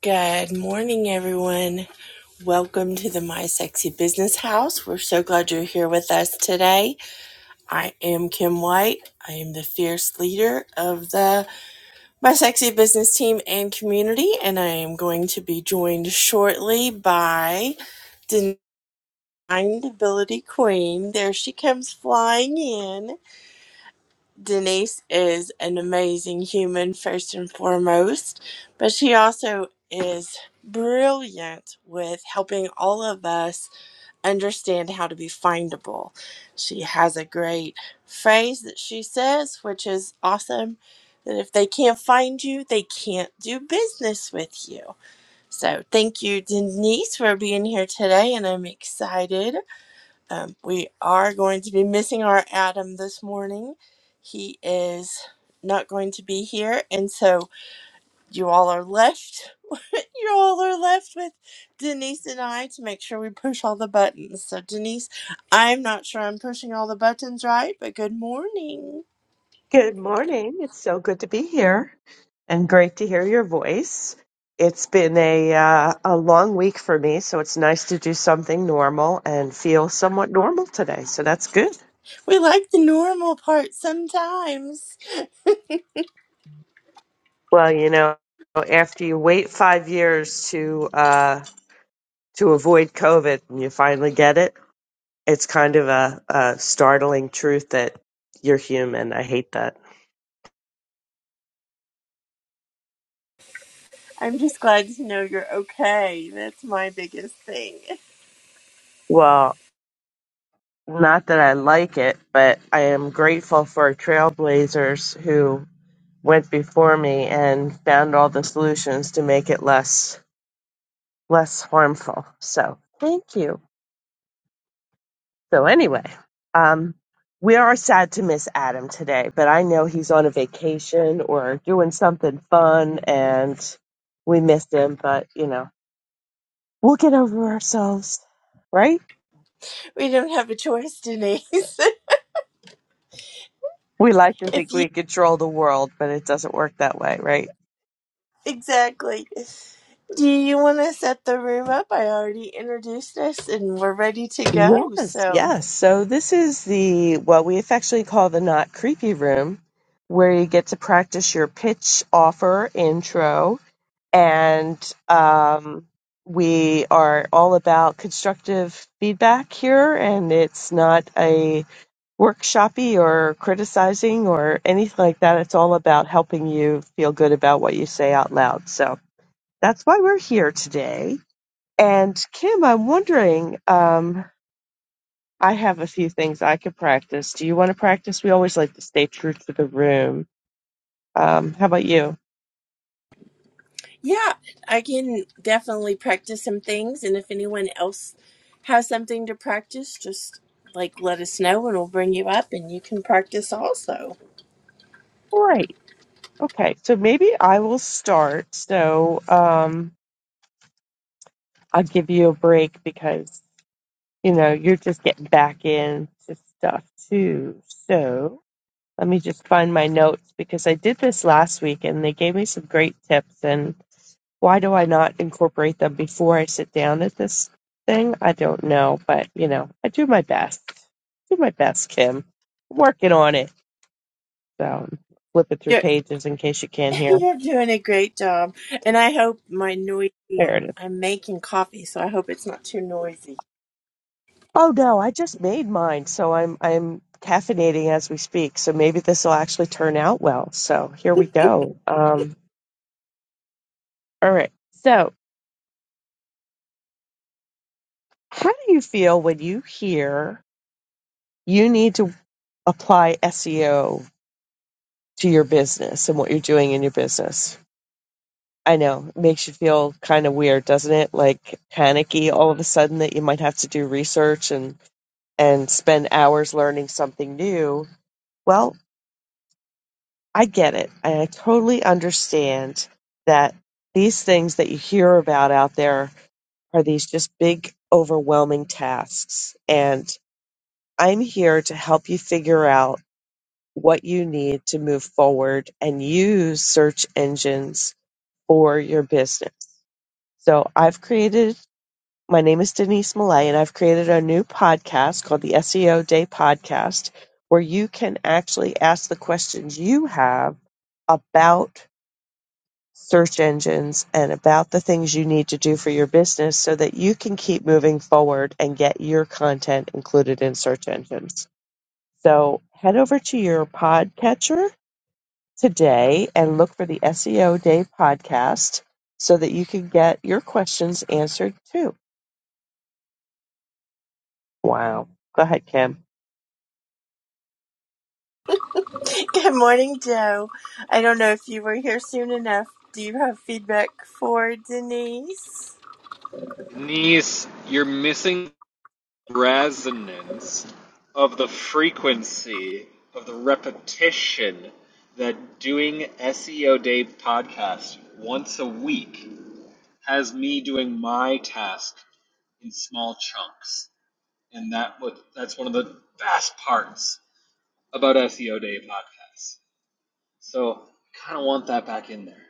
Good morning, everyone. Welcome to the My Sexy Business House. We're so glad you're here with us today. I am Kim White. I am the fierce leader of the My Sexy Business team and community, and I am going to be joined shortly by Deniability Queen. There she comes flying in. Denise is an amazing human, first and foremost, but she also is brilliant with helping all of us understand how to be findable. She has a great phrase that she says, which is awesome that if they can't find you, they can't do business with you. So, thank you, Denise, for being here today, and I'm excited. Um, we are going to be missing our Adam this morning. He is not going to be here, and so you all are left. you all are left with Denise and I to make sure we push all the buttons. So, Denise, I'm not sure I'm pushing all the buttons right, but good morning. Good morning. It's so good to be here and great to hear your voice. It's been a uh, a long week for me, so it's nice to do something normal and feel somewhat normal today. So that's good. We like the normal part sometimes. Well, you know, after you wait 5 years to uh to avoid COVID and you finally get it, it's kind of a, a startling truth that you're human. I hate that. I'm just glad to know you're okay. That's my biggest thing. Well, not that I like it, but I am grateful for trailblazers who went before me and found all the solutions to make it less less harmful. So thank you. So anyway, um, we are sad to miss Adam today, but I know he's on a vacation or doing something fun, and we missed him. But you know, we'll get over ourselves, right? We don't have a choice, Denise. We like to if think you we control the world, but it doesn't work that way, right? exactly. Do you want to set the room up? I already introduced us and we're ready to go. Yes, So, yes. So this is the what we affectionately call the not creepy room, where you get to practice your pitch, offer, intro, and um, we are all about constructive feedback here, and it's not a workshoppy or criticizing or anything like that. It's all about helping you feel good about what you say out loud. So that's why we're here today. And Kim, I'm wondering. Um, I have a few things I could practice. Do you want to practice? We always like to stay true to the room. Um, how about you? yeah, I can definitely practice some things. And if anyone else has something to practice, just like let us know and we'll bring you up and you can practice also. Great. Okay. So maybe I will start. So um, I'll give you a break because, you know, you're just getting back into stuff too. So let me just find my notes because I did this last week and they gave me some great tips. and. Why do I not incorporate them before I sit down at this thing? I don't know, but you know, I do my best. Do my best, Kim. I'm working on it. So flipping through You're, pages in case you can't hear. you're doing a great job. And I hope my There noisy, it is. I'm making coffee, so I hope it's not too noisy. Oh no, I just made mine, so I'm I'm caffeinating as we speak. So maybe this will actually turn out well. So here we go. Um, all right. So how do you feel when you hear you need to apply SEO to your business and what you're doing in your business? I know. It makes you feel kind of weird, doesn't it? Like panicky all of a sudden that you might have to do research and and spend hours learning something new. Well, I get it. I totally understand that these things that you hear about out there are these just big overwhelming tasks and I'm here to help you figure out what you need to move forward and use search engines for your business. So I've created My name is Denise Millay, and I've created a new podcast called the SEO Day Podcast, where you can actually ask the questions you have about search engines and about the things you need to do for your business so that you can keep moving forward and get your content included in search engines. So head over to your podcatcher today and look for the SEO Day Podcast so that you can get your questions answered too. Wow. Go ahead, Kim. Good morning, Joe. I don't know if you were here soon enough. Do you have feedback for Denise? Denise, you're missing resonance of the frequency of the repetition that doing SEO Day podcast once a week has me doing my task in small chunks. And that that's one of the best parts about SEO Day podcasts. So I kinda want that back in there.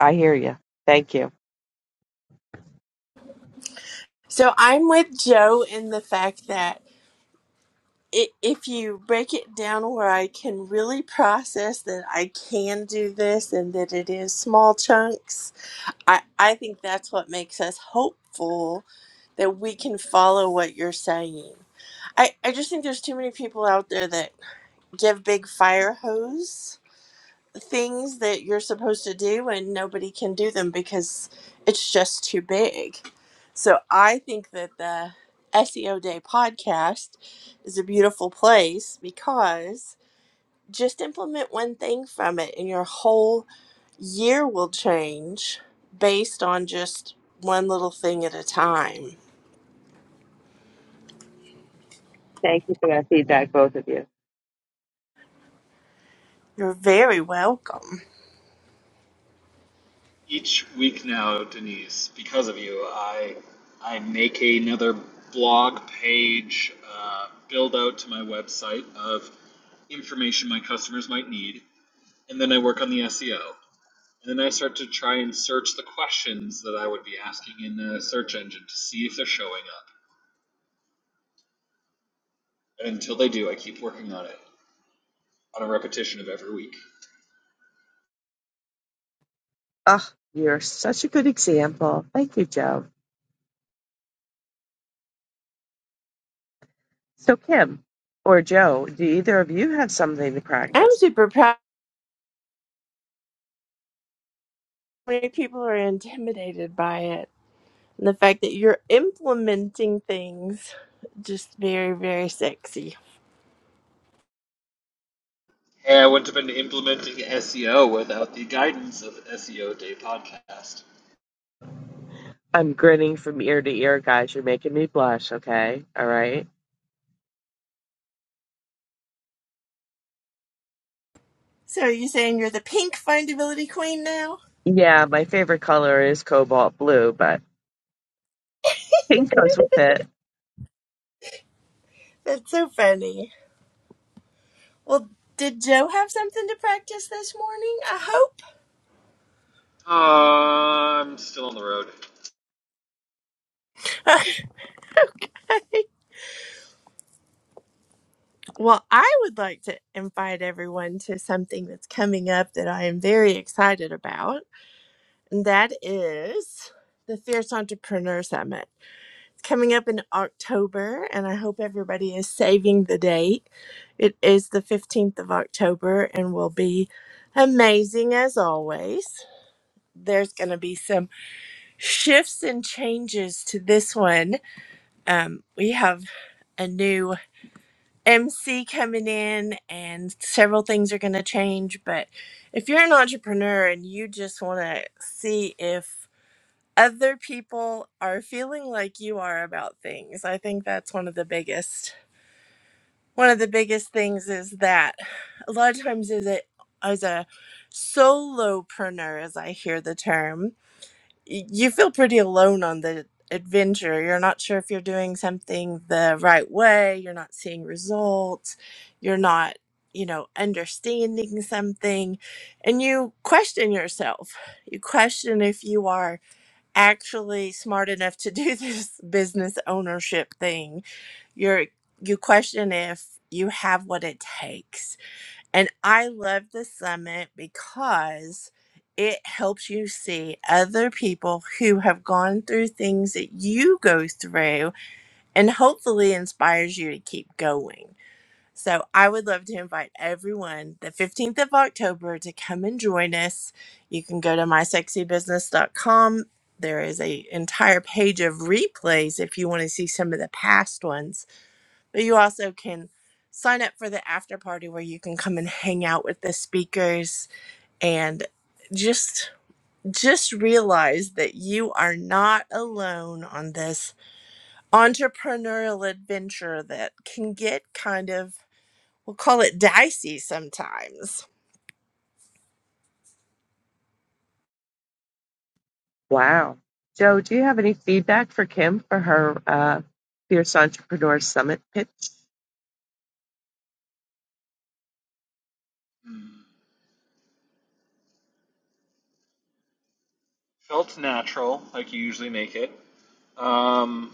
I hear you. Thank you. So I'm with Joe in the fact that i if you break it down where I can really process that I can do this and that it is small chunks, I, I think that's what makes us hopeful that we can follow what you're saying. I, I just think there's too many people out there that give big fire hose things that you're supposed to do and nobody can do them because it's just too big. So I think that the SEO Day podcast is a beautiful place because just implement one thing from it and your whole year will change based on just one little thing at a time. Thank you for that feedback, both of you. You're very welcome. each week now, Denise, because of you, I I make another blog page uh, build out to my website of information my customers might need, and then I work on the SEO, and then I start to try and search the questions that I would be asking in a search engine to see if they're showing up. And until they do, I keep working on it on a repetition of every week. Oh, you're such a good example. Thank you, Joe. So, Kim or Joe, do either of you have something to I'm practice? super proud. Many people are intimidated by it. And the fact that you're implementing things, just very, very sexy. Hey, I wouldn't have been implementing SEO without the guidance of SEO Day podcast. I'm grinning from ear to ear, guys. You're making me blush, okay? All right. So are you saying you're the pink findability queen now? Yeah, my favorite color is cobalt blue, but pink goes with it. That's so funny. Well, did Joe have something to practice this morning? I Uh, I'm still on the road. hope. well, I would like to invite everyone to something that's coming up that I am very excited about, and that is the Fierce Entrepreneur Summit. coming up in October, and I hope everybody is saving the date. It is the 15th of October and will be amazing as always. There's going to be some shifts and changes to this one. Um, we have a new MC coming in, and several things are going to change. But if you're an entrepreneur and you just want to see if other people are feeling like you are about things. I think that's one of the biggest one of the biggest things is that a lot of times as a as a solopreneur as i hear the term y- you feel pretty alone on the adventure you're not sure if you're doing something the right way you're not seeing results you're not you know understanding something and you question yourself you question if you are actually smart enough to do this business ownership thing you're you question if you have what it takes and i love the summit because it helps you see other people who have gone through things that you go through and hopefully inspires you to keep going so i would love to invite everyone the 15th of october to come and join us you can go to mysexybusiness.com there is a entire page of replays if you want to see some of the past ones but you also can sign up for the after party where you can come and hang out with the speakers and just just realize that you are not alone on this entrepreneurial adventure that can get kind of we'll call it dicey sometimes. Wow. Joe, do you have any feedback for Kim for her uh, Fierce Entrepreneur Summit pitch? Felt natural, like you usually make it. Um,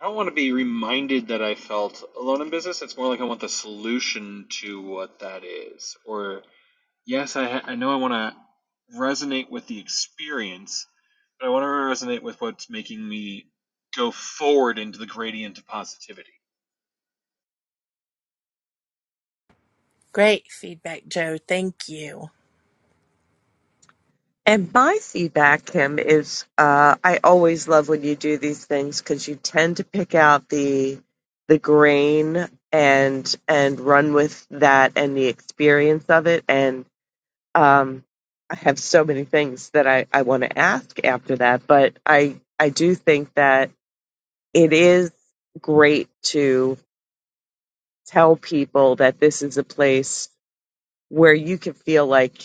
I don't want to be reminded that I felt alone in business. It's more like I want the solution to what that is. Or, yes, I, ha- I know I want to resonate with the experience, but I want to resonate with what's making me go forward into the gradient of positivity. Great feedback, Joe. Thank you. And my feedback, Kim, is uh, I always love when you do these things because you tend to pick out the the grain and and run with that and the experience of it. And um, I have so many things that I, I want to ask after that, but I I do think that it is great to tell people that this is a place where you can feel like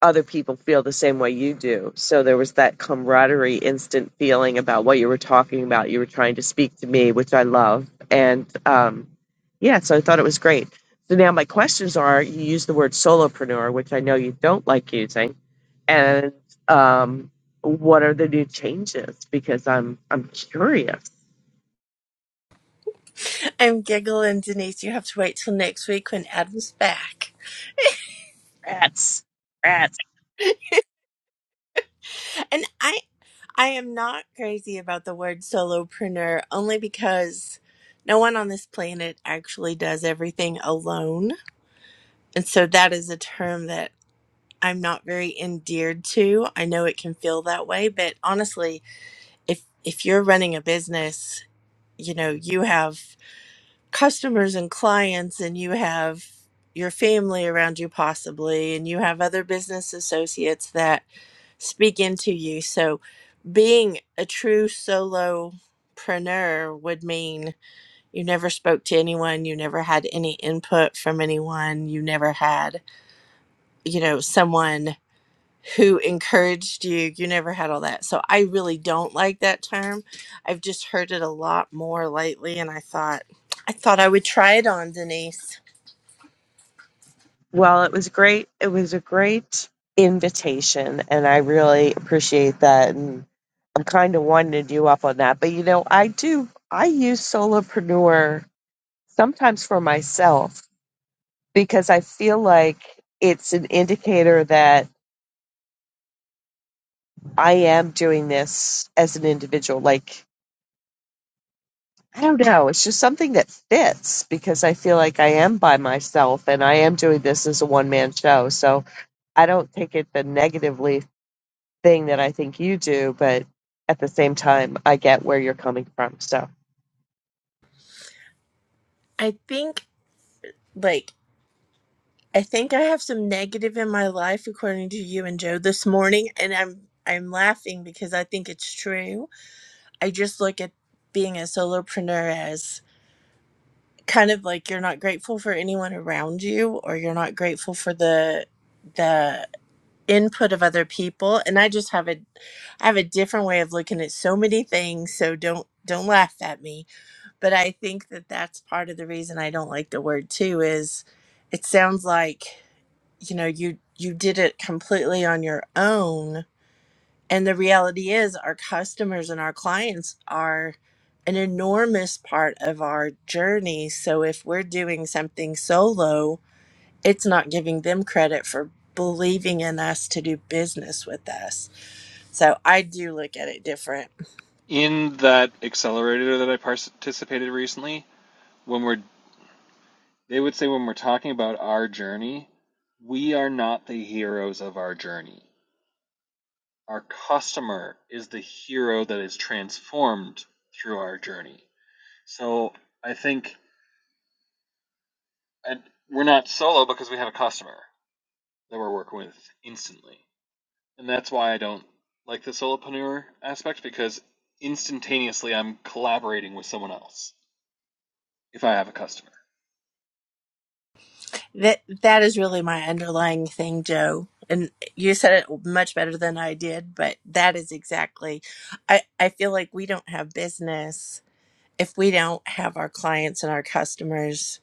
other people feel the same way you do. So there was that camaraderie, instant feeling about what you were talking about. You were trying to speak to me, which I love. And um, yeah, so I thought it was great. So now my questions are you use the word solopreneur, which I know you don't like using. And um, what are the new changes? Because I'm I'm curious. I'm giggling, Denise. You have to wait till next week when Adam's back. Rats. Rats. And I I am not crazy about the word solopreneur only because no one on this planet actually does everything alone. And so that is a term that I'm not very endeared to. I know it can feel that way, but honestly, if if you're running a business, you know, you have customers and clients and you have your family around you possibly and you have other business associates that speak into you. So being a true solopreneur would mean you never spoke to anyone, you never had any input from anyone, you never had, you know, someone who encouraged you, you never had all that. So I really don't like that term. I've just heard it a lot more lately and I thought I thought I would try it on Denise. Well, it was great. It was a great invitation, and I really appreciate that. And I'm kind of winding you up on that. But you know, I do, I use solopreneur sometimes for myself because I feel like it's an indicator that I am doing this as an individual. Like, I don't know, it's just something that fits because I feel like I am by myself and I am doing this as a one man show. So I don't take it the negatively thing that I think you do, but at the same time, I get where you're coming from. So, I think like I think I have some negative in my life according to you and Joe this morning and I'm I'm laughing because I think it's true I just look at being a solopreneur as kind of like you're not grateful for anyone around you or you're not grateful for the the input of other people and I just have a I have a different way of looking at so many things so don't don't laugh at me but I think that that's part of the reason I don't like the word too is it sounds like you know you you did it completely on your own and the reality is, our customers and our clients are an enormous part of our journey. So if we're doing something solo, it's not giving them credit for believing in us to do business with us. So I do look at it different. In that accelerator that I participated recently, when we're they would say when we're talking about our journey, we are not the heroes of our journey. Our customer is the hero that is transformed through our journey. So I think and we're not solo because we have a customer that we're working with instantly. And that's why I don't like the solopreneur aspect because instantaneously I'm collaborating with someone else if I have a customer. That that is really my underlying thing, Joe. And you said it much better than I did, but that is exactly I I feel like we don't have business if we don't have our clients and our customers,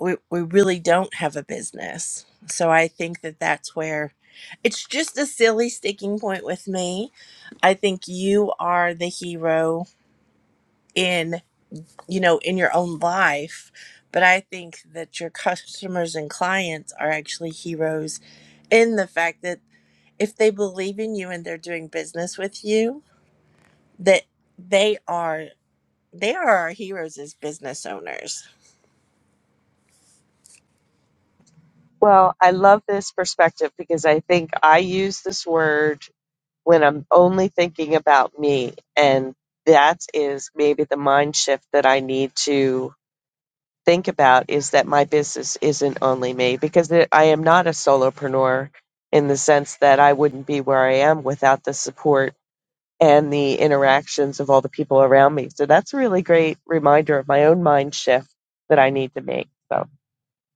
we, we really don't have a business. So I think that that's where it's just a silly sticking point with me. I think you are the hero in, you know, in your own life, but I think that your customers and clients are actually heroes in the fact that if they believe in you and they're doing business with you, that they are they are our heroes as business owners well, I love this perspective because I think I use this word when I'm only thinking about me. And that is maybe the mind shift that I need to think about is that my business isn't only me because it, I am not a solopreneur in the sense that I wouldn't be where I am without the support and the interactions of all the people around me. So that's a really great reminder of my own mind shift that I need to make. So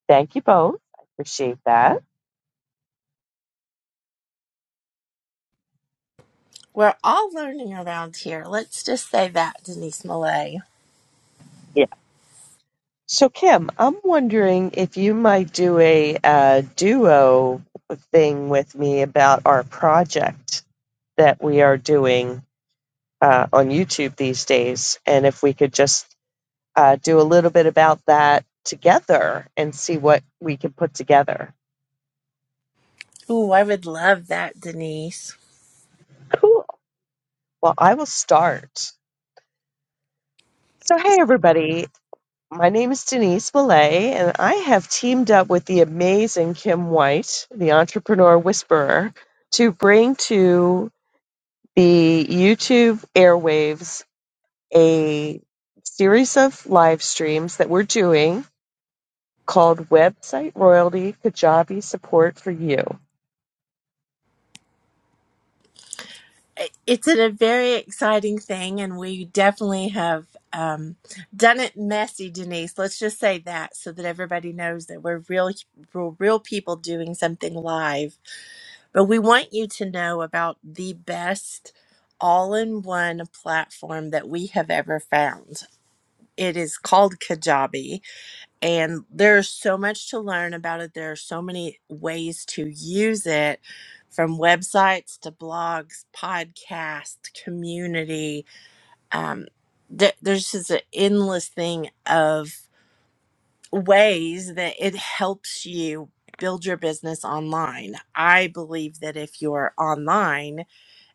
thank you both. I appreciate that. We're all learning around here. Let's just say that, Denise Millay. Yeah. So Kim, I'm wondering if you might do a uh, duo thing with me about our project that we are doing uh, on YouTube these days. And if we could just uh, do a little bit about that together and see what we can put together. Ooh, I would love that, Denise. Cool. Well, I will start. So, hey, everybody. My name is Denise Millay, and I have teamed up with the amazing Kim White, the entrepreneur whisperer, to bring to the YouTube airwaves a series of live streams that we're doing called Website Royalty Kajabi Support for You. I- It's a very exciting thing, and we definitely have um, done it messy, Denise. Let's just say that so that everybody knows that we're real, real, real people doing something live. But we want you to know about the best all in one platform that we have ever found. It is called Kajabi and there's so much to learn about it there are so many ways to use it from websites to blogs podcast community um, th- there's just an endless thing of ways that it helps you build your business online i believe that if you're online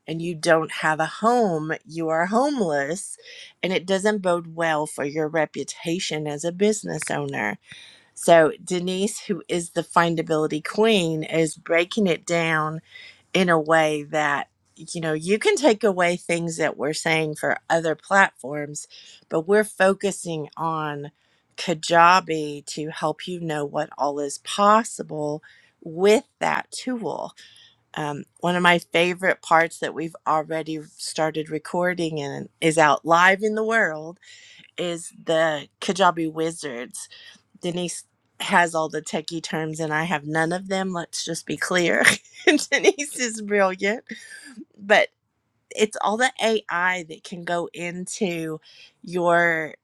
and you don't have a home you are homeless and it doesn't bode well for your reputation as a business owner so Denise, who is the findability queen, is breaking it down in a way that you know you can take away things that we're saying for other platforms, but we're focusing on Kajabi to help you know what all is possible with that tool. Um, one of my favorite parts that we've already started recording and is out live in the world is the Kajabi Wizards Denise has all the techie terms and I have none of them. Let's just be clear. Denise is brilliant, but it's all the AI that can go into your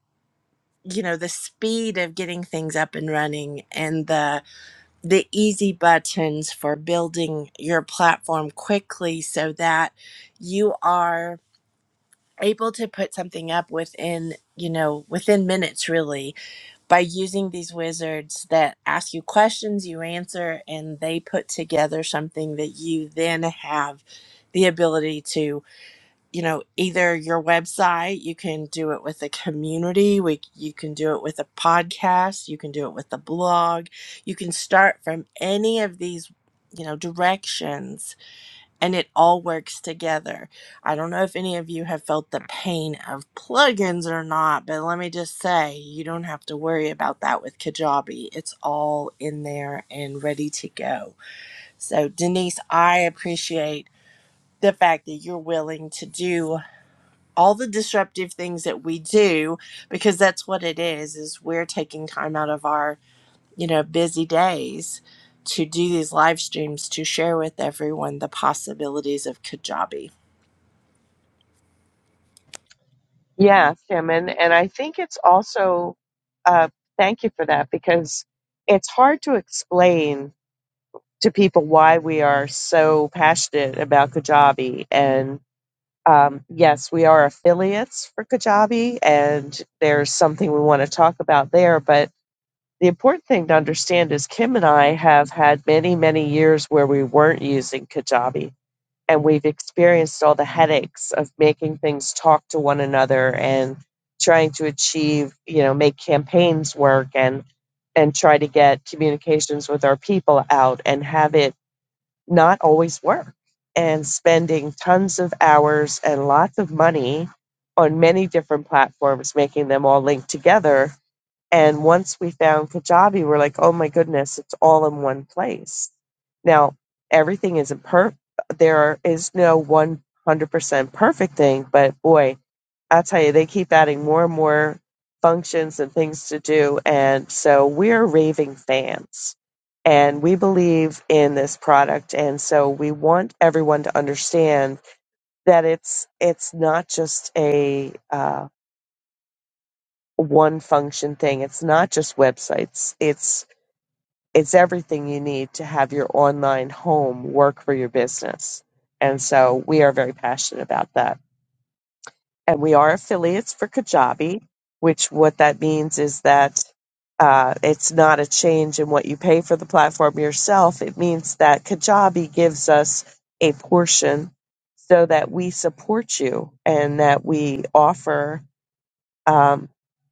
you know the speed of getting things up and running and the the easy buttons for building your platform quickly so that you are able to put something up within you know within minutes really by using these wizards that ask you questions, you answer, and they put together something that you then have the ability to, you know, either your website, you can do it with a community, we, you can do it with a podcast, you can do it with a blog, you can start from any of these, you know, directions and it all works together. I don't know if any of you have felt the pain of plugins or not, but let me just say you don't have to worry about that with Kajabi. It's all in there and ready to go. So, Denise, I appreciate the fact that you're willing to do all the disruptive things that we do because that's what it is is we're taking time out of our you know busy days to do these live streams to share with everyone the possibilities of kajabi Yeah, Tim, and, and I think it's also uh, thank you for that because it's hard to explain to people why we are so passionate about Kajabi. And um, yes, we are affiliates for Kajabi, and there's something we want to talk about there. But the important thing to understand is Kim and I have had many, many years where we weren't using Kajabi and we've experienced all the headaches of making things talk to one another and trying to achieve you know make campaigns work and and try to get communications with our people out and have it not always work and spending tons of hours and lots of money on many different platforms making them all linked together and once we found Kajabi, we're like, oh my goodness, it's all in one place. Now, everything isn't per there is not perfect theres no 100% perfect thing, but boy, I tell you, they keep adding more and more functions and things to do. And so we're raving fans and we believe in this product. And so we want everyone to understand that it's, it's not just a, uh, one function thing. It's not just websites. It's it's everything you need to have your online home work for your business. And so we are very passionate about that. And we are affiliates for Kajabi, which what that means is that uh, it's not a change in what you pay for the platform yourself. It means that Kajabi gives us a portion so that we support you and that we offer um,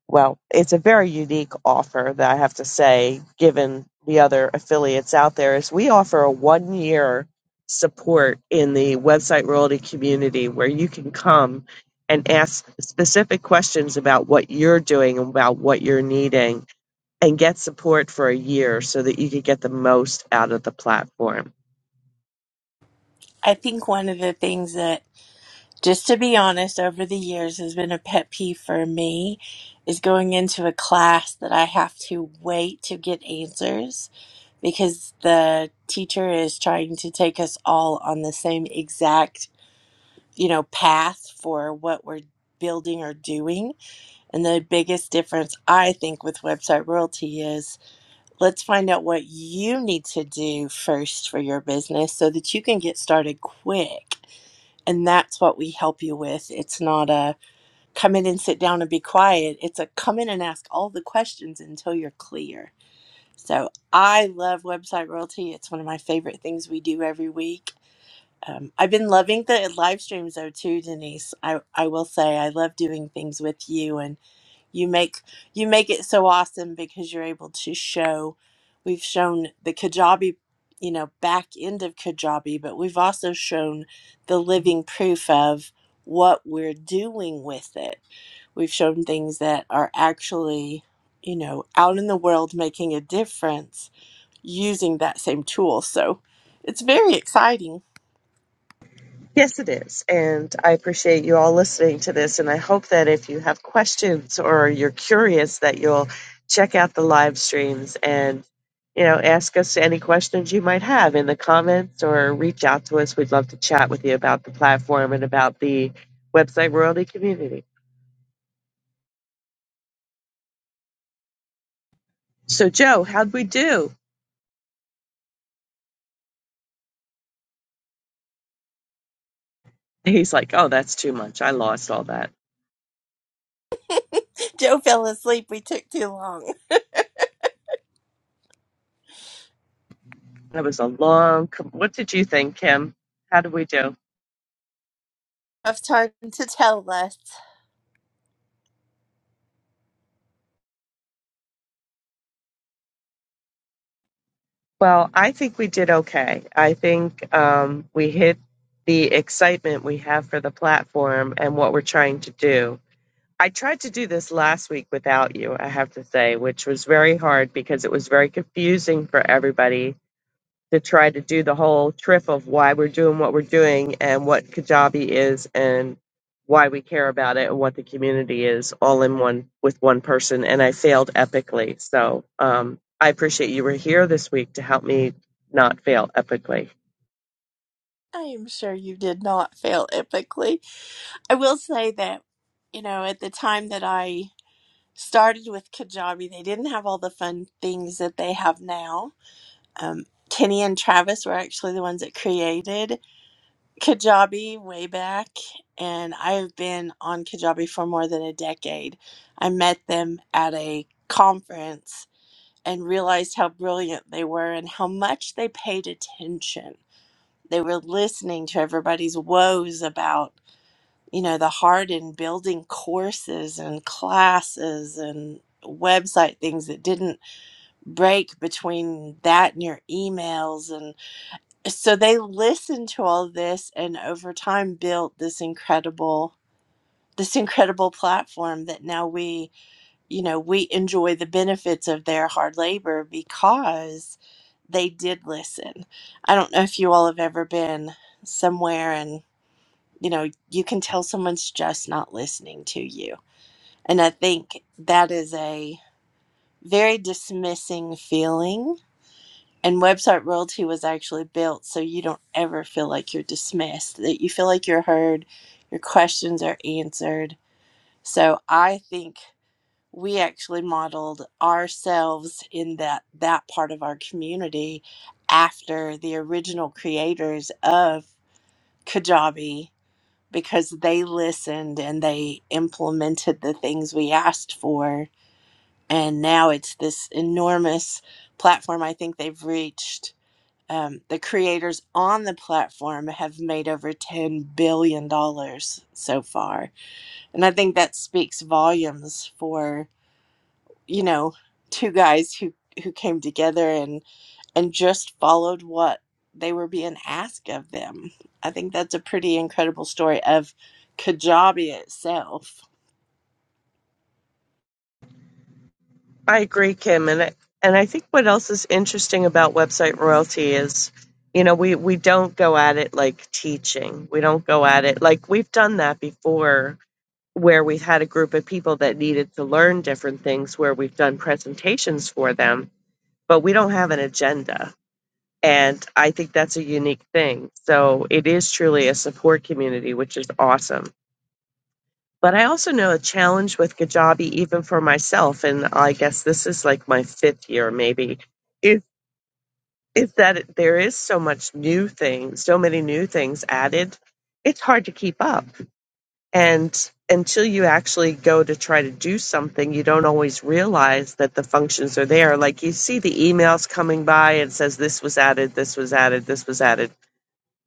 well, it's a very unique offer that I have to say, given the other affiliates out there, is we offer a one year support in the website royalty community where you can come and ask specific questions about what you're doing and about what you're needing and get support for a year so that you could get the most out of the platform. I think one of the things that, just to be honest, over the years has been a pet peeve for me is going into a class that I have to wait to get answers because the teacher is trying to take us all on the same exact, you know, path for what we're building or doing. And the biggest difference I think with website royalty is let's find out what you need to do first for your business so that you can get started quick and that's what we help you with. It's not a come in and sit down and be quiet. It's a come in and ask all the questions until you're clear. So I love website royalty. It's one of my favorite things we do every week. Um, I've been loving the live streams though too, Denise. I, I will say I love doing things with you and you make you make it so awesome because you're able to show we've shown the kajabi you know back end of kajabi but we've also shown the living proof of what we're doing with it we've shown things that are actually you know out in the world making a difference using that same tool so it's very exciting Yes, it is. And I appreciate you all listening to this. And I hope that if you have questions or you're curious, that you'll check out the live streams and, you know, ask us any questions you might have in the comments or reach out to us. We'd love to chat with you about the platform and about the website royalty community. So, Joe, how'd we do? He's like, oh, that's too much. I lost all that. joe fell asleep we took too long That was a long. Com- what did you think, Kim? How did we do? Enough time to tell us Well, I think we did okay. I think um, we hit the excitement we have for the platform and what we're trying to do. I tried to do this last week without you, I have to say, which was very hard because it was very confusing for everybody to try to do the whole trip of why we're doing what we're doing and what Kajabi is and why we care about it and what the community is all in one with one person. And I failed epically. So um, I appreciate you were here this week to help me not fail epically. i am sure you did not fail epically I will say that, you know, at the time that I started with Kajabi, they didn't have all the fun things that they have now. Um, Kenny and Travis were actually the ones that created Kajabi way back, and I've been on Kajabi for more than a decade. I met them at a conference and realized how brilliant they were and how much they paid attention. They were listening to everybody's woes about you know, the heart in building courses and classes and website things that didn't break between that and your emails. And so they listened to all of this and over time built this incredible this incredible platform that now we you know we enjoy the benefits of their hard labor because they did listen i don't know if you all have ever been somewhere and you know you can tell someone's just not listening to you and I think that is a very dismissing feeling. And website royalty was actually built so you don't ever feel like you're dismissed, that you feel like you're heard, your questions are answered. So I think we actually modeled ourselves in that that part of our community after the original creators of Kajabi because they listened and they implemented the things we asked for and now it's this enormous platform i think they've reached um, the creators on the platform have made over $10 billion dollars so far and i think that speaks volumes for you know two guys who who came together and and just followed what they were being asked of them i think that's a pretty incredible story of kajabi itself I agree, Kim. And I, and I think what else is interesting about website royalty is, you know, we, we don't go at it like teaching. We don't go at it like we've done that before where we've had a group of people that needed to learn different things where we've done presentations for them, but we don't have an agenda. And I think that's a unique thing. So it is truly a support community, which is awesome. But I also know a challenge with Kajabi, even for myself, and I guess this is like my fifth year maybe, is, is that it- there is so much new things, so many new things added. It's hard to keep up And until you actually go to try to do something, you don't always realize that the functions are there. Like you see the emails coming by and it says this was added, this was added, this was added.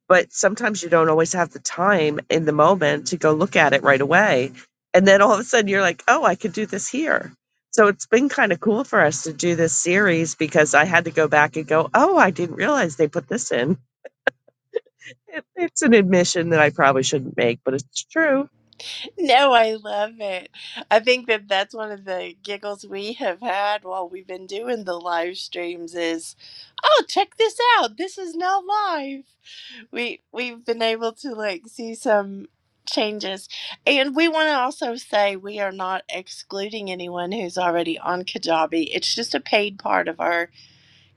But sometimes you don't always have the time in the moment to go look at it right away. And then all of a sudden you're like, oh, I could do this here. So it's been kind of cool for us to do this series because I had to go back and go, oh, I didn't realize they put this in. It, it's an admission that I probably shouldn't make, but it's true No, I love it. I think that that's one of the giggles we have had while we've been doing the live streams is, oh, check this out. This is now live. We we've been able to like see some changes. And we want to also say we are not excluding anyone who's already on Kajabi. It's just a paid part of our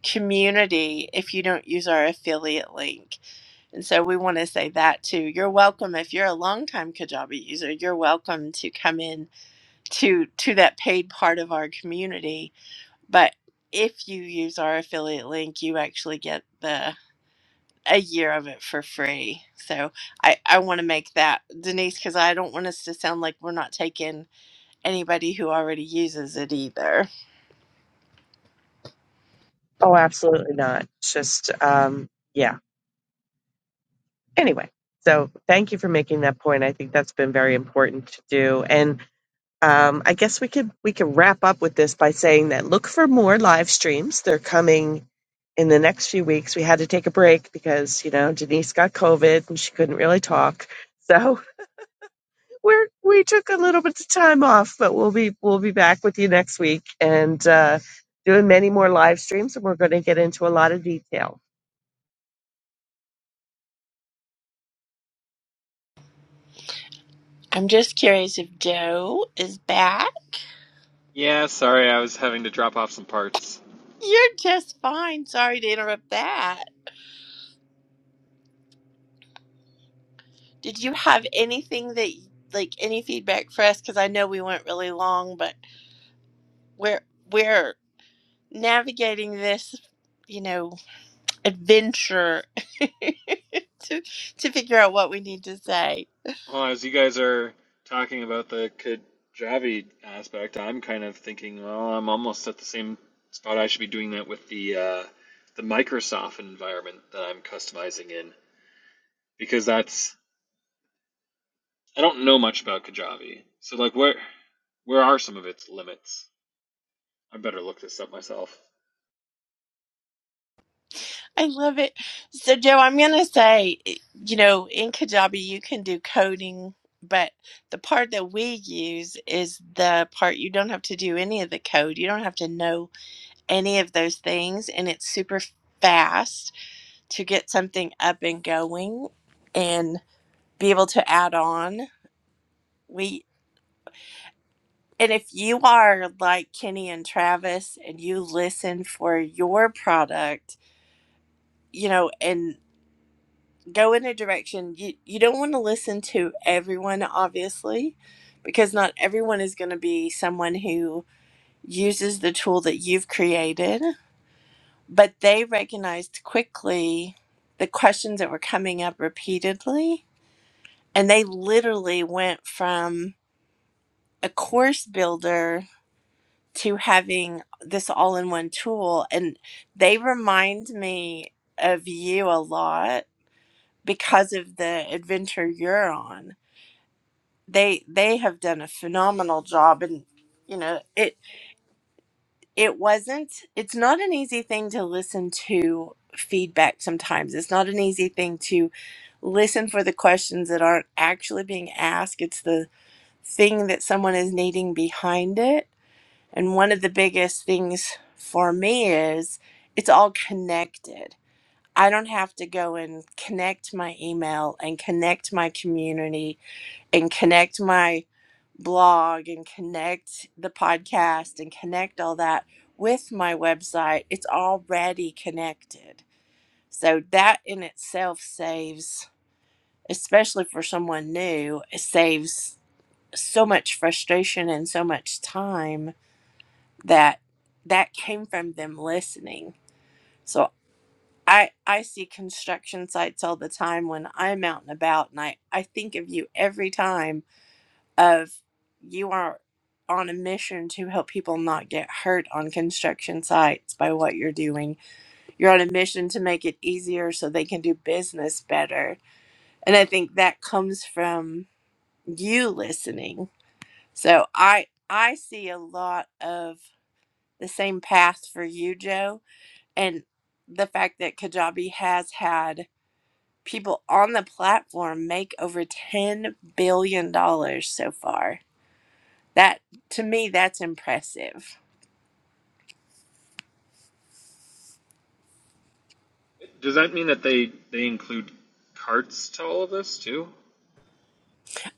community if you don't use our affiliate link. And so we want to say that too. You're welcome if you're a longtime Kajabi user. You're welcome to come in to to that paid part of our community. But if you use our affiliate link, you actually get the a year of it for free. So I I want to make that Denise because I don't want us to sound like we're not taking anybody who already uses it either. Oh, absolutely not. It's just, um, yeah. Anyway, so thank you for making that point. I think that's been very important to do. And um, I guess we could we could wrap up with this by saying that look for more live streams. They're coming in the next few weeks. We had to take a break because you know Denise got COVID and she couldn't really talk. So we're we took a little bit of time off, but we'll be we'll be back with you next week and uh, doing many more live streams, and we're going to get into a lot of detail. I'm just curious if Joe is back. Yeah, sorry, I was having to drop off some parts. You're just fine. Sorry to interrupt that. Did you have anything that like any feedback for us? Because I know we went really long, but we're we're navigating this, you know, adventure to to figure out what we need to say. Well, as you guys are talking about the Kajabi aspect, I'm kind of thinking, well, I'm almost at the same spot. I should be doing that with the uh, the Microsoft environment that I'm customizing in because that's I don't know much about Kajabi. So, like, where where are some of its limits? I better look this up myself. I love it. So, Joe, I'm going to say, you know, in Kajabi, you can do coding, but the part that we use is the part you don't have to do any of the code. You don't have to know any of those things. And it's super fast to get something up and going and be able to add on. We, and if you are like Kenny and Travis and you listen for your product, you know, and go in a direction you you don't want to listen to everyone obviously because not everyone is going to be someone who uses the tool that you've created but they recognized quickly the questions that were coming up repeatedly and they literally went from a course builder to having this all-in-one tool and they remind me of you a lot because of the adventure you're on they they have done a phenomenal job and you know it it wasn't it's not an easy thing to listen to feedback sometimes it's not an easy thing to listen for the questions that aren't actually being asked it's the thing that someone is needing behind it and one of the biggest things for me is it's all connected i don't have to go and connect my email and connect my community and connect my blog and connect the podcast and connect all that with my website, it's already connected. So that in itself saves, especially for someone new, it saves so much frustration and so much time that that came from them listening. So I I see construction sites all the time when I'm out and about and I, I think of you every time of you are on a mission to help people not get hurt on construction sites by what you're doing. You're on a mission to make it easier so they can do business better. And I think that comes from you listening. So I I see a lot of the same path for you, Joe, and the fact that Kajabi has had people on the platform make over 10 billion dollars so far That to me, that's impressive. Does that mean that they they include carts to all of this too?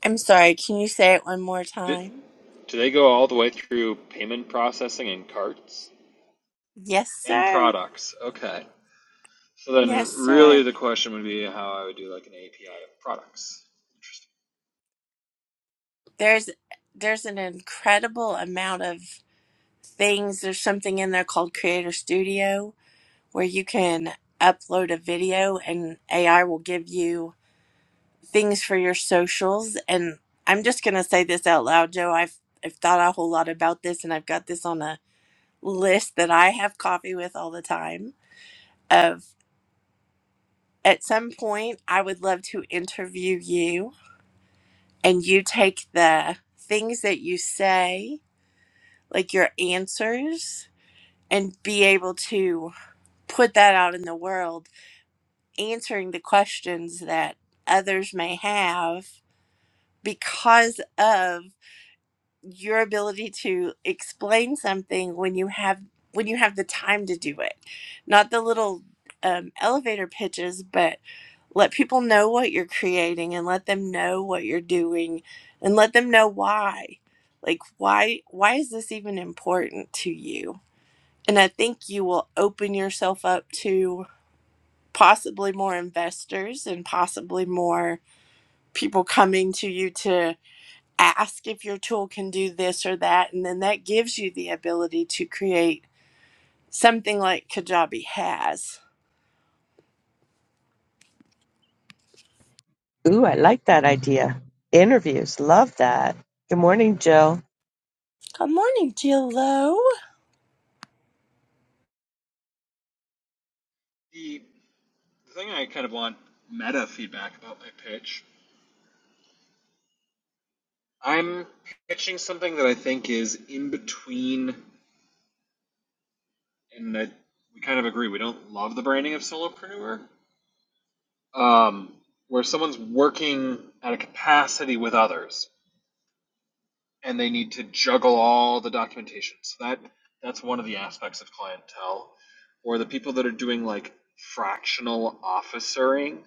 I'm sorry, can you say it one more Did, time? do they go all the way through payment processing and carts Yes, and sir. products? Okay. So then, Yes, sir. really, the question would be how I would do like an API of products. Interesting. There's there's an incredible amount of things. There's something in there called Creator Studio where you can upload a video and AI will give you things for your socials. And I'm just gonna say this out loud, Joe. I've I've thought a whole lot about this and I've got this on a list that I have coffee with all the time of. at some point, I would love to interview you and you take the things that you say, like your answers, and be able to put that out in the world, answering the questions that others may have because of your ability to explain something when you have when you have the time to do it not the little um, elevator pitches but let people know what you're creating and let them know what you're doing and let them know why like why why is this even important to you and i think you will open yourself up to possibly more investors and possibly more people coming to you to ask if your tool can do this or that and then that gives you the ability to create something like kajabi has Ooh, I like that idea. Interviews, love that. Good morning, Joe. good morning jill lowe The, the thing I kind of want meta feedback about my pitch. I'm pitching something that I think is in between, and that we kind of agree we don't love the branding of solopreneur, um, where someone's working at a capacity with others. and they need to juggle all the documentation. So that that's one of the aspects of clientele, or the people that are doing like fractional officering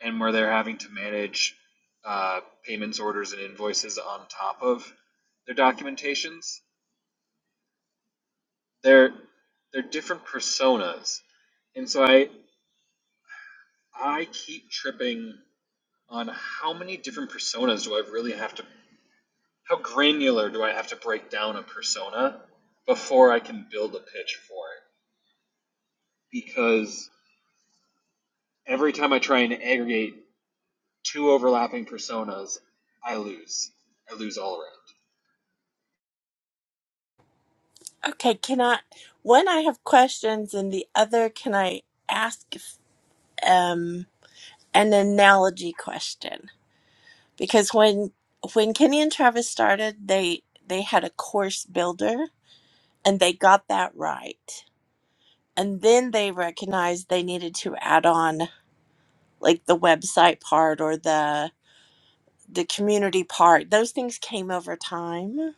and where they're having to manage uh, payments, orders, and invoices on top of their documentations. They're they're different personas, and so I I keep tripping on how many different personas do I really have to how granular do I have to break down a persona before I can build a pitch for it? Because every time I try and aggregate two overlapping personas, I lose. I lose all around. okay can i one i have questions and the other can i ask um, an analogy question because when when kenny and travis started they they had a course builder and they got that right and then they recognized they needed to add on like the website part or the the community part, those things came over time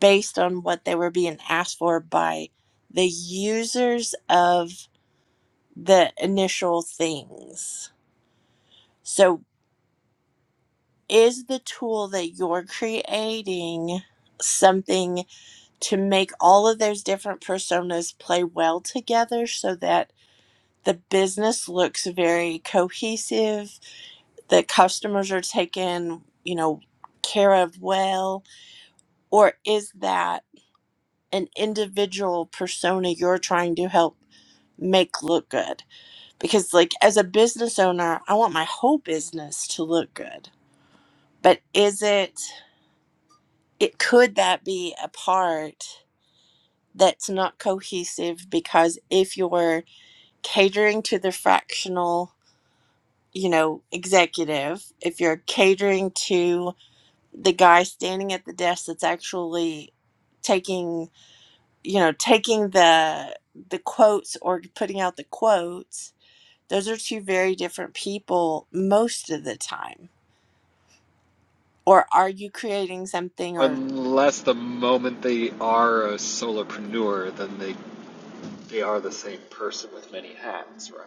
based on what they were being asked for by the users of the initial things. So, is the tool that you're creating something to make all of those different personas play well together so that the business looks very cohesive, the customers are taken, you know, care of well, or is that? an individual persona you're trying to help make look good because like as a business owner i want my whole business to look good but is it it could that be a part that's not cohesive because if you're catering to the fractional you know executive if you're catering to the guy standing at the desk that's actually taking you know taking the the quotes or putting out the quotes those are two very different people most of the time or are you creating something or Unless the moment they are a solopreneur, then they they are the same person with many hats, right?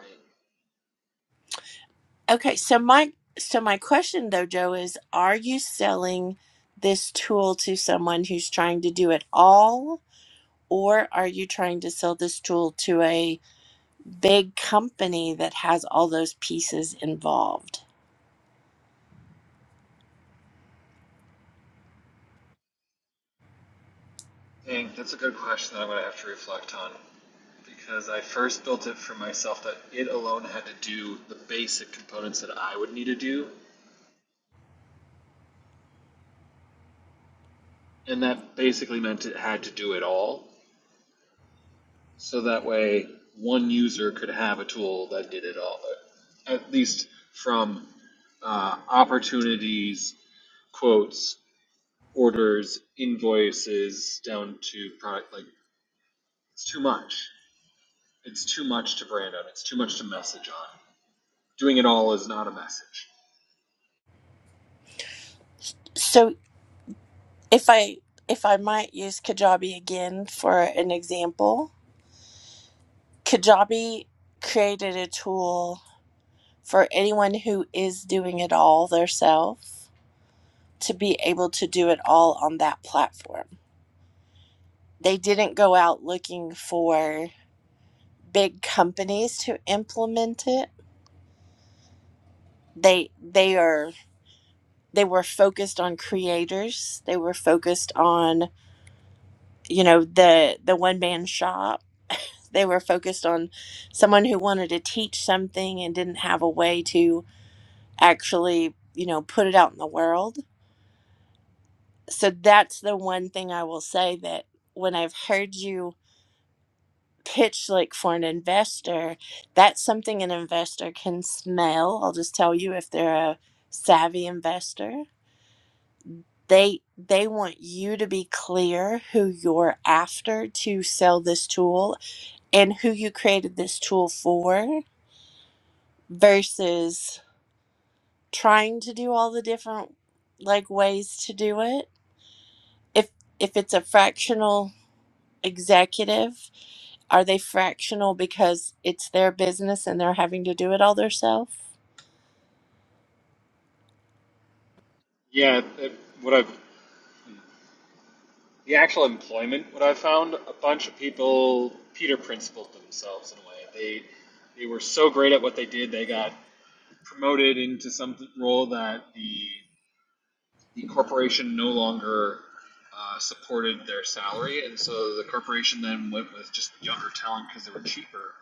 okay so my so my question though joe is are you selling this tool to someone who's trying to do it all or are you trying to sell this tool to a big company that has all those pieces involved Dang, that's a good question that I'm gonna have to reflect on. Because I first built it for myself that it alone had to do the basic components that I would need to do And that basically meant it had to do it all. So that way, one user could have a tool that did it all, at least from uh, opportunities, quotes, orders, invoices, down to product. Like, it's too much. It's too much to brand on. It's too much to message on. Doing it all is not a message. so If I if I might use Kajabi again for an example, Kajabi created a tool for anyone who is doing it all themselves to be able to do it all on that platform. They didn't go out looking for big companies to implement it. They they are they were focused on creators. They were focused on, you know, the the one man shop They were focused on someone who wanted to teach something and didn't have a way to actually, you know, put it out in the world. So that's the one thing I will say that when I've heard you pitch like for an investor, that's something an investor can smell. I'll just tell you if they're a savvy investor. They they want you to be clear who you're after to sell this tool and who you created this tool for versus trying to do all the different like ways to do it if if it's a fractional executive are they fractional because it's their business and they're having to do it all themselves Yeah, it, what I've the actual employment, what I found, a bunch of people Peter principled themselves in a way. They they were so great at what they did, they got promoted into some role that the the corporation no longer uh, supported their salary, and so the corporation then went with just younger talent because they were cheaper.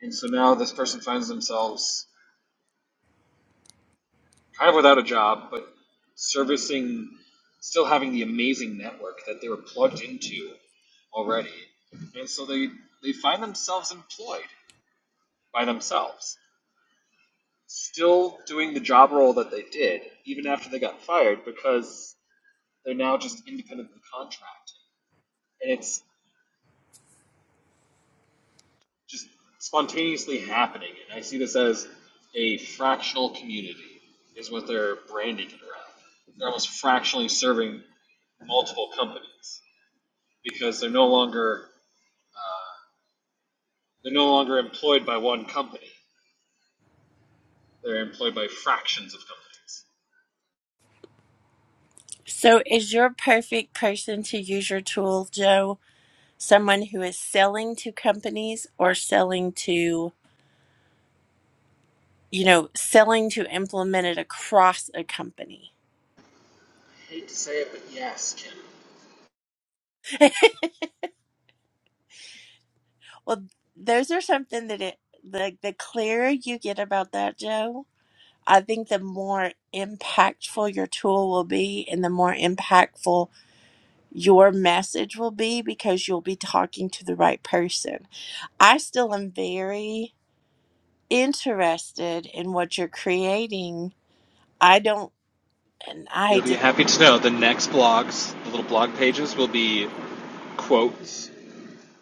And so now this person finds themselves kind of without a job, but servicing, still having the amazing network that they were plugged into already. And so they, they find themselves employed by themselves, still doing the job role that they did, even after they got fired, because they're now just independent of the contract. And it's just spontaneously happening. And I see this as a fractional community, is what they're branding it around. They're almost fractionally serving multiple companies. because they're no longer they're no longer employed by one company. They're employed by fractions of companies. so is your perfect person to use your tool joe someone who is selling to companies or selling to you know selling to implement it across a company I Hate to say it, but yes, Kim. well those are something that it the, the clearer you get about that joe I think the more impactful your tool will be and the more impactful your message will be because you'll be talking to the right person. I still am very interested in what you're creating. I don't, and You'll I be just, happy to know the next blogs, the little blog pages, will be quotes,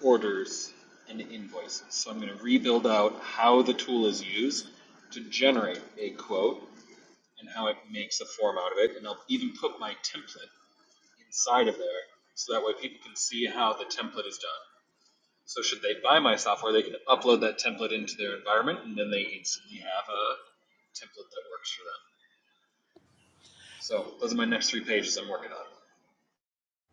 orders and invoices. So I'm going to rebuild out how the tool is used to generate a quote and how it makes a form out of it. And I'll even put my template inside of there so that way people can see how the template is done. So should they buy my software, they can upload that template into their environment, and then they instantly have a template that works for them. So those are my next three pages I'm working on.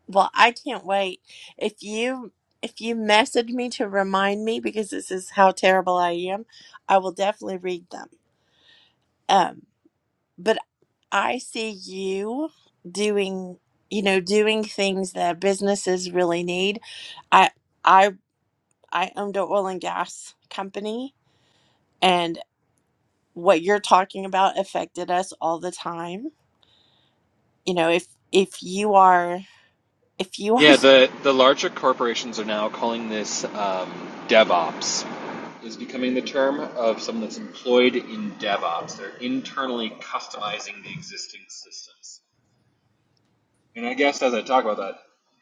well, I can't wait. If you, if you message me to remind me because this is how terrible I am, I will definitely read them. Um, but I see you doing, you know, doing things that businesses really need. I I I owned an oil and gas company and what you're talking about affected us all the time. You know, if if you are if you are Yeah, the, the larger corporations are now calling this um, DevOps, Is becoming the term of someone that's employed in DevOps. They're internally customizing the existing systems. And I guess as I talk about that,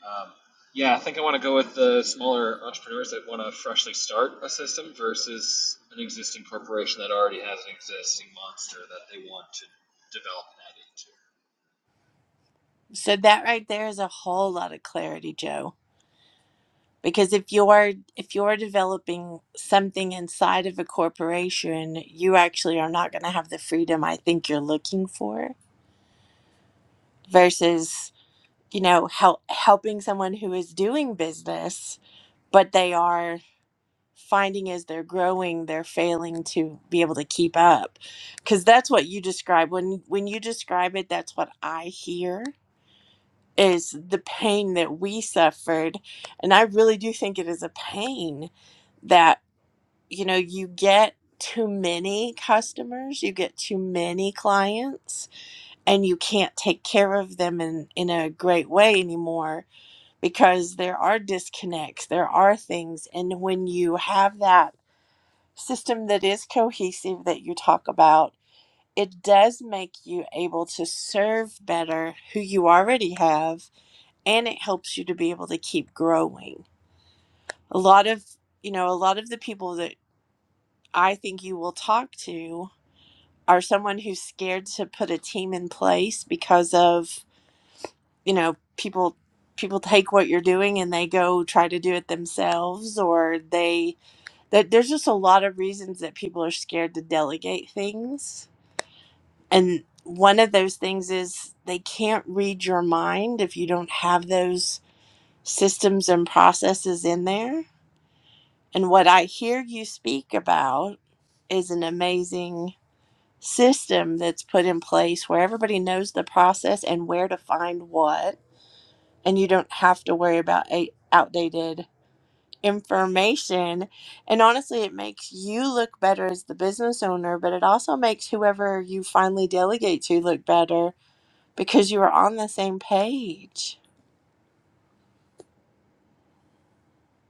um, yeah, I think I want to go with the smaller entrepreneurs that want to freshly start a system versus an existing corporation that already has an existing monster that they want to develop so that right there is a whole lot of clarity, Joe. Because if you are if you are developing something inside of a corporation, you actually are not going to have the freedom I think you're looking for versus you know help helping someone who is doing business but they are finding as they're growing they're failing to be able to keep up because that's what you describe when when you describe it that's what i hear is the pain that we suffered and i really do think it is a pain that you know you get too many customers you get too many clients and you can't take care of them in in a great way anymore because there are disconnects, there are things. And when you have that system that is cohesive that you talk about, it does make you able to serve better who you already have, and it helps you to be able to keep growing. A lot of, you know, a lot of the people that I think you will talk to are someone who's scared to put a team in place because of, you know, people people take what you're doing and they go try to do it themselves or they that there's just a lot of reasons that people are scared to delegate things. And one of those things is they can't read your mind if you don't have those systems and processes in there. And what I hear you speak about is an amazing system that's put in place where everybody knows the process and where to find what. And you don't have to worry about a- outdated information. And honestly, it makes you look better as the business owner, but it also makes whoever you finally delegate to look better because you are on the same page.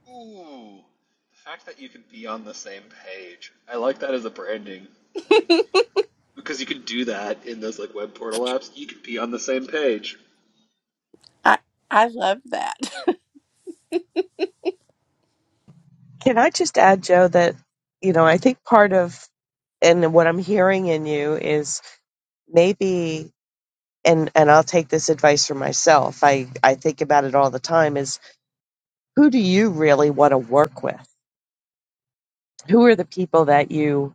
and add into. Ooh, the fact that you could be on the same page. I like that as a branding thing. Because you could do that in those like web portal apps. You could be on the same page. I, I love that. Can I just add, Joe, that you know I think part of and what I'm hearing in you is maybe and and I'll take this advice for myself. I I think about it all the time. Is who do you really want to work with? Who are the people that you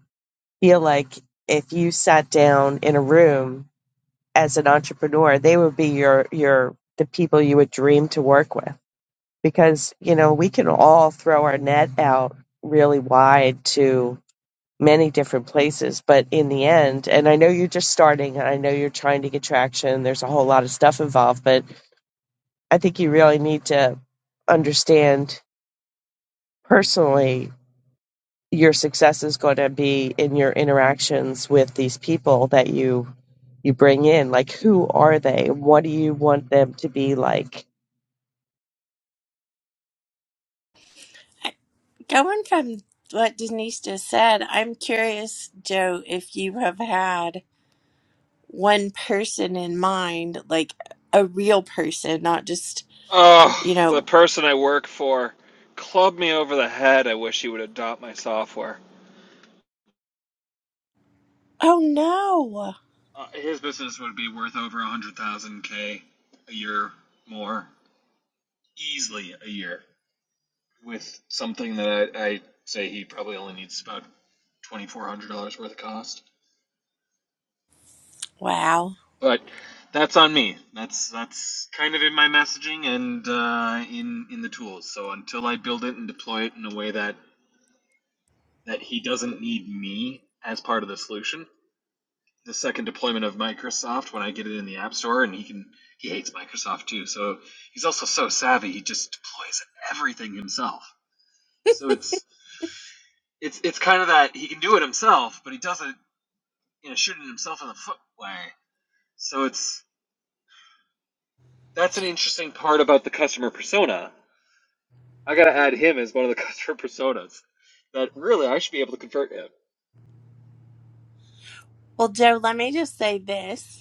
feel like if you sat down in a room as an entrepreneur, they would be your your the people you would dream to work with because you know we can all throw our net out really wide to many different places but in the end and I know you're just starting and I know you're trying to get traction there's a whole lot of stuff involved but I think you really need to understand personally your success is going to be in your interactions with these people that you you bring in. Like, who are they? What do you want them to be like? Going from what Denise just said, I'm curious, Joe, if you have had one person in mind, like a real person, not just, Oh, you the know, person I work for clubbed me over the head. I wish he would adopt my software. oh no. Uh, his business would be worth over a hundred thousand k a year more, easily a year, with something that I, I say he probably only needs about twenty four hundred dollars worth of cost. Wow. But that's on me. That's that's kind of in my messaging and uh, in in the tools. So until I build it and deploy it in a way that that he doesn't need me as part of the solution, the second deployment of Microsoft when I get it in the App Store, and he can he hates Microsoft too. So he's also so savvy; he just deploys everything himself. So it's it's it's kind of that he can do it himself, but he does it you know shooting himself in the foot way. So it's that's an interesting part about the customer persona. I got to add him as one of the customer personas that really I should be able to convert him. Well, Joe, let me just say this.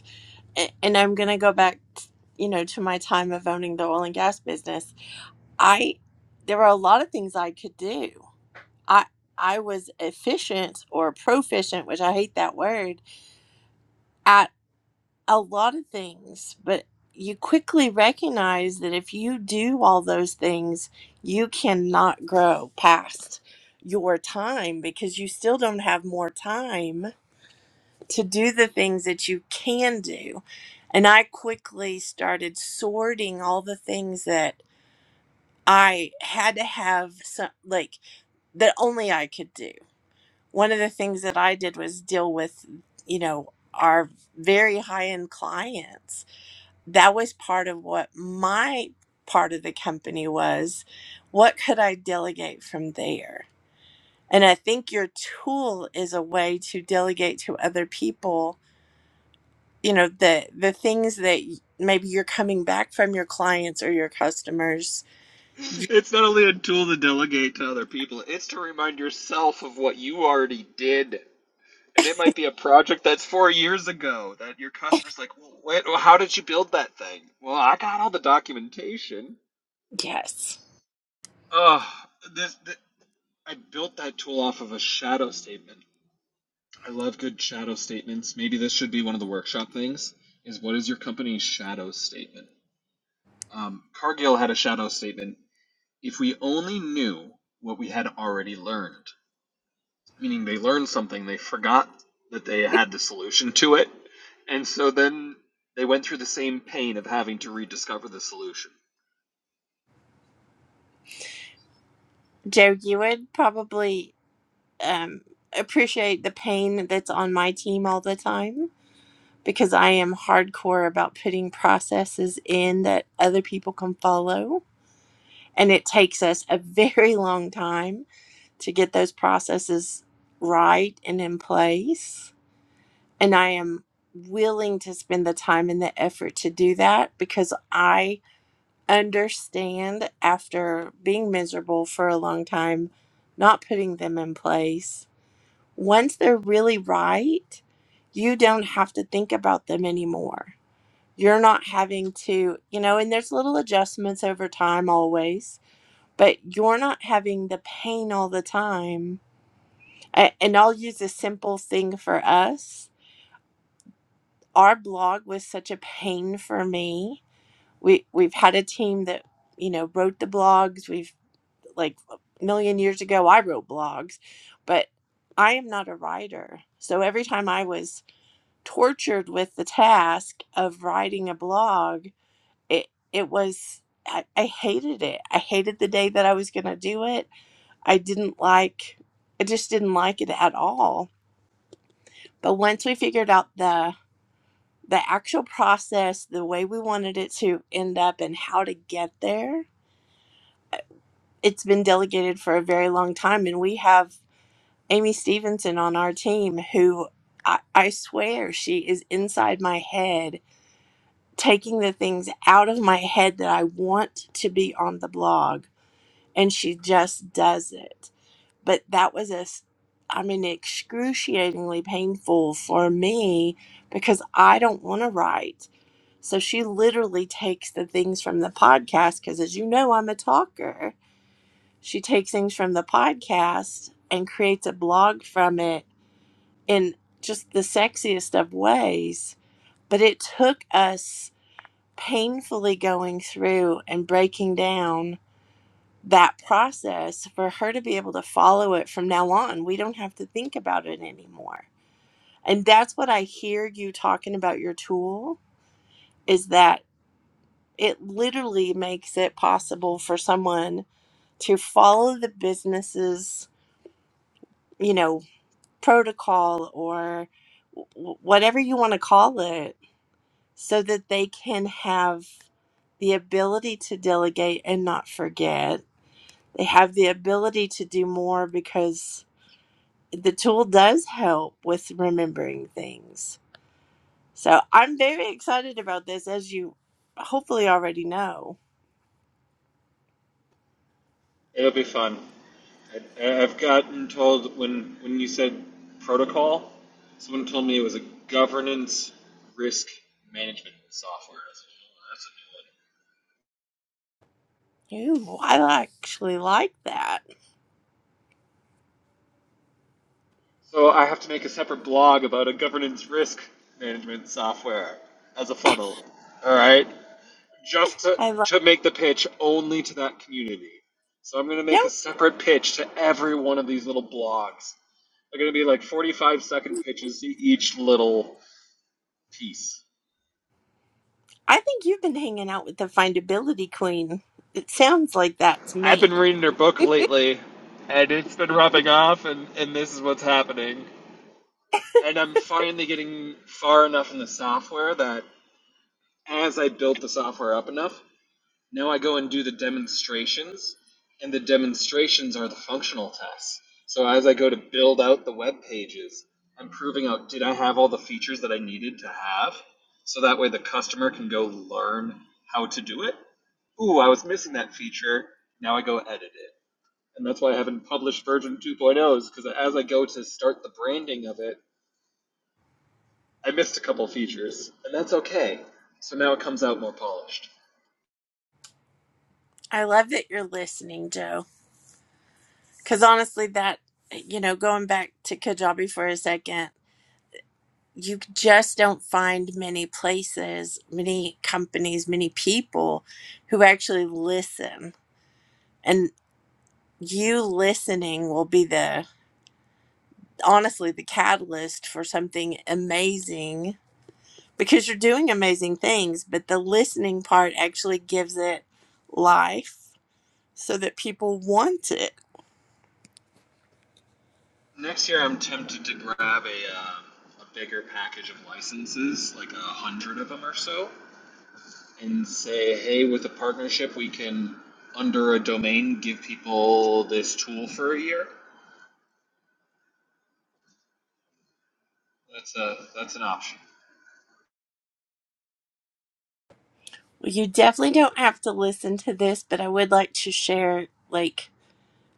a- and I'm going to go back, t- you know, to my time of owning the oil and gas business. I there were a lot of things I could do. I I was efficient or proficient, which I hate that word, at a lot of things, but you quickly recognize that if you do all those things, you cannot grow past your time because you still don't have more time to do the things that you can do. And I quickly started sorting all the things that I had to have, some, like, that only I could do. One of the things that I did was deal with, you know, our very high end clients. That was part of what my part of the company was. What could I delegate from there? And I think your tool is a way to delegate to other people you know the the things that maybe you're coming back from your clients or your customers It's not only a tool to delegate to other people; it's to remind yourself of what you already did And it might be a project that's four years ago that your customer's like, well, wait, well, how did you build that thing? Well, I got all the documentation. yes Oh, this, th I built that tool off of a shadow statement. I love good shadow statements. Maybe this should be one of the workshop things. Is what is your company's shadow statement? Um, Cargill had a shadow statement. If we only knew what we had already learned. meaning they learned something they forgot that they had the solution to it and so then they went through the same pain of having to rediscover the solution joe you would probably um, appreciate the pain that's on my team all the time because i am hardcore about putting processes in that other people can follow and it takes us a very long time to get those processes right and in place and i am willing to spend the time and the effort to do that because i understand after being miserable for a long time, not putting them in place. Once they're really right, you don't have to think about them anymore. You're not having to, you know, and there's little adjustments over time always, but you're not having the pain all the time. A- And I'll use a simple thing for us. Our blog was such a pain for me. We we've had a team that, you know, wrote the blogs. We've like a million years ago I wrote blogs, but I am not a writer. So every time I was tortured with the task of writing a blog, it it was I, I hated it. I hated the day that I was going to do it. I didn't like I just didn't like it at all. But once we figured out the the actual process, the way we wanted it to end up and how to get there, it's been delegated for a very long time and we have Amy Stevenson on our team who I, I swear she is inside my head, taking the things out of my head that I want to be on the blog. And she just does it. But that was a, s- I mean, excruciatingly painful for me because I don't want to write. So she literally takes the things from the podcast because, as you know, I'm a talker. She takes things from the podcast and creates a blog from it in just the sexiest of ways. But it took us painfully going through and breaking down that process for her to be able to follow it from now on. We don't have to think about it anymore. And that's what I hear you talking about your tool is that it literally makes it possible for someone to follow the business's, you know, protocol or w- whatever you want to call it so that they can have the ability to delegate and not forget. They have the ability to do more because the tool does help with remembering things. So I'm very excited about this, as you hopefully already know. It'll be fun. I, I- have gotten told when when you said protocol, someone told me it was a governance risk management software. I said, "Oh, that's Ooh, I actually like that. a new one." So I have to make a separate blog about a governance risk management software as a funnel. All right. just to, I like. to make the pitch only to that community. So I'm going to Yep, make a separate pitch to every one of these little blogs. They're going to be like 45 second pitches to each little piece. I think you've been hanging out with the findability queen. It sounds like that to I've me. been reading her book lately, and it's been rubbing off, and, and this is what's happening. And I'm finally getting far enough in the software that as I built the software up enough, Now I go and do the demonstrations, and the demonstrations are the functional tests. So as I go to build out the web pages, I'm proving out did I have all the features that I needed to have? So that way the customer can go learn how to do it. Ooh, I was missing that feature. Now I go edit it. And that's why I haven't published version 2.0 is because as I go to start the branding of it, I missed a couple features. And that's okay. So now it comes out more polished. I love that you're listening, Joe. Because honestly, that, you know, going back to Kajabi for a second, you just don't find many places, many companies, many people who actually listen. And you listening will be the, honestly, the catalyst for something amazing because you're doing amazing things, but the listening part actually gives it life so that people want it. Next year, I'm tempted to grab a, uh, a bigger package of licenses, like a hundred of them or so, and say, hey, with a partnership, we can, under a domain, give people this tool for a year. That's a that's an option. You definitely don't have to listen to this, but I would like to share, like,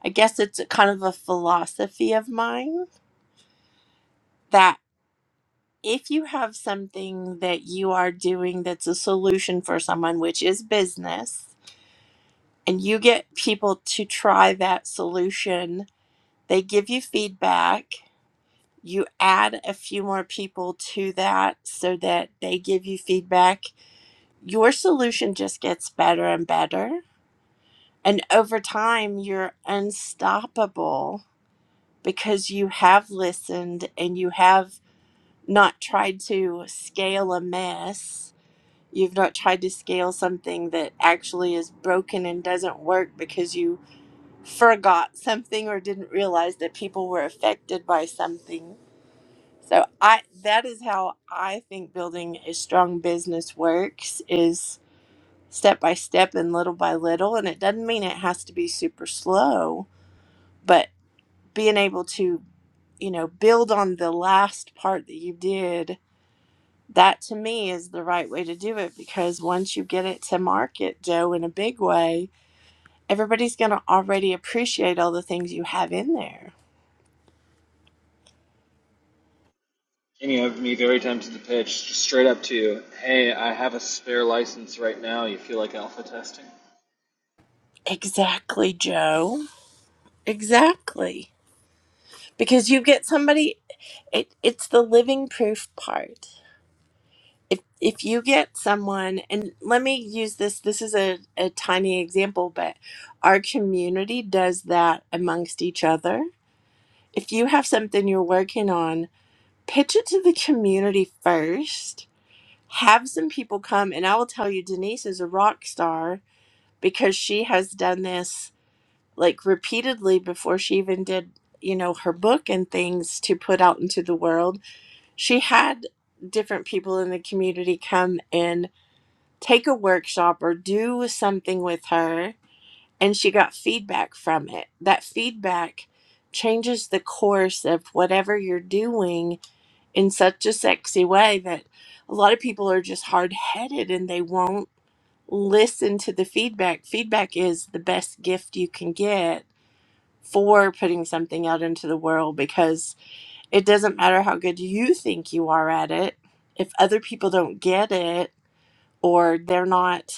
I guess it's a kind of a philosophy of mine that if you have something that you are doing that's a solution for someone, which is business, and you get people to try that solution, they give you feedback. You add a few more people to that so that they give you feedback. Your solution just gets better and better. And over time, you're unstoppable because you have listened and you have not tried to scale a mess. You've not tried to scale something that actually is broken and doesn't work because you forgot something or didn't realize that people were affected by something. So I that is how I think building a strong business works is step by step and little by little and it doesn't mean it has to be super slow, but being able to you know build on the last part that you did that to me is the right way to do it because once you get it to market, Joe, in a big way, everybody's going to already appreciate all the things you have in there. And you have me very tempted to pitch just straight up to you. Hey, I have a spare license right now. You feel like alpha testing? Exactly, Joe. Exactly. Because you get somebody it it's the living proof part. If if you get someone and let me use this this is a, a tiny example, but our community does that amongst each other. If you have something you're working on pitch it to the community first. Have some people come, and I will tell you, Denise is a rock star because she has done this like repeatedly before she even did, you know, her book and things to put out into the world. She had different people in the community come and take a workshop or do something with her, and she got feedback from it. That feedback changes the course of whatever you're doing in such a sexy way that a lot of people are just hard headed and they won't listen to the feedback. Feedback is the best gift you can get for putting something out into the world because it doesn't matter how good you think you are at it. If other people don't get it or they're not,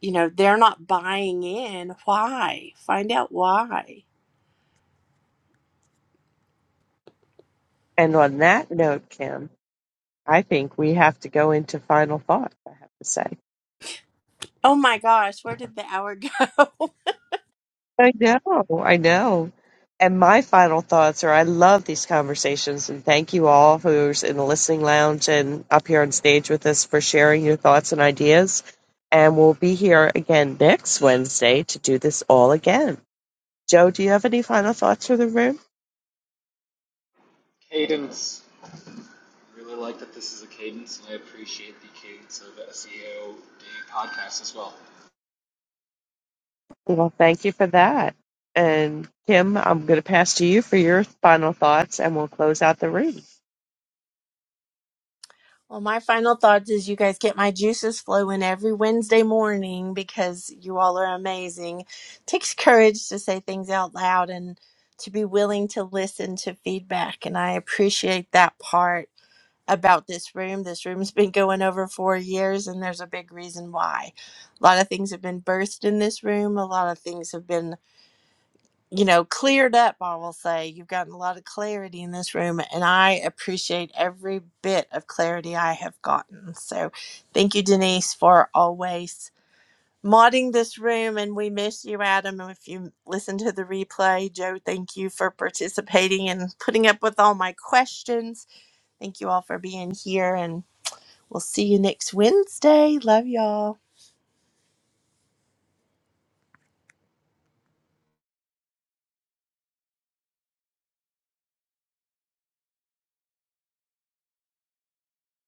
you know, they're not buying in, why? Find out why. And on that note, Kim, I think we have to go into final thoughts, I have to say. Oh my gosh, where did the hour go? I know, I know. And my final thoughts are I love these conversations and thank you all who's in the listening lounge and up here on stage with us for sharing your thoughts and ideas. And we'll be here again next Wednesday to do this all again. Joe, do you have any final thoughts for the room? Cadence. I really like that this is a cadence, and I appreciate the cadence of SEO Day podcast as well. Well, thank you for that. And Kim, I'm going to pass to you for your final thoughts and we'll close out the room. Well, my final thoughts is you guys get my juices flowing every Wednesday morning because you all are amazing. takes courage to say things out loud and to be willing to listen to feedback. And I appreciate that part about this room. This room's been going over four years, and there's a big reason why. A lot of things have been birthed in this room, a lot of things have been you know, cleared up, I will say. You've gotten a lot of clarity in this room, and I appreciate every bit of clarity I have gotten. So thank you, Denise, for always modding this room. And we miss you, Adam. And if you listen to the replay, Joe, thank you for participating and putting up with all my questions. Thank you all for being here, and we'll see you next Wednesday. Love y'all.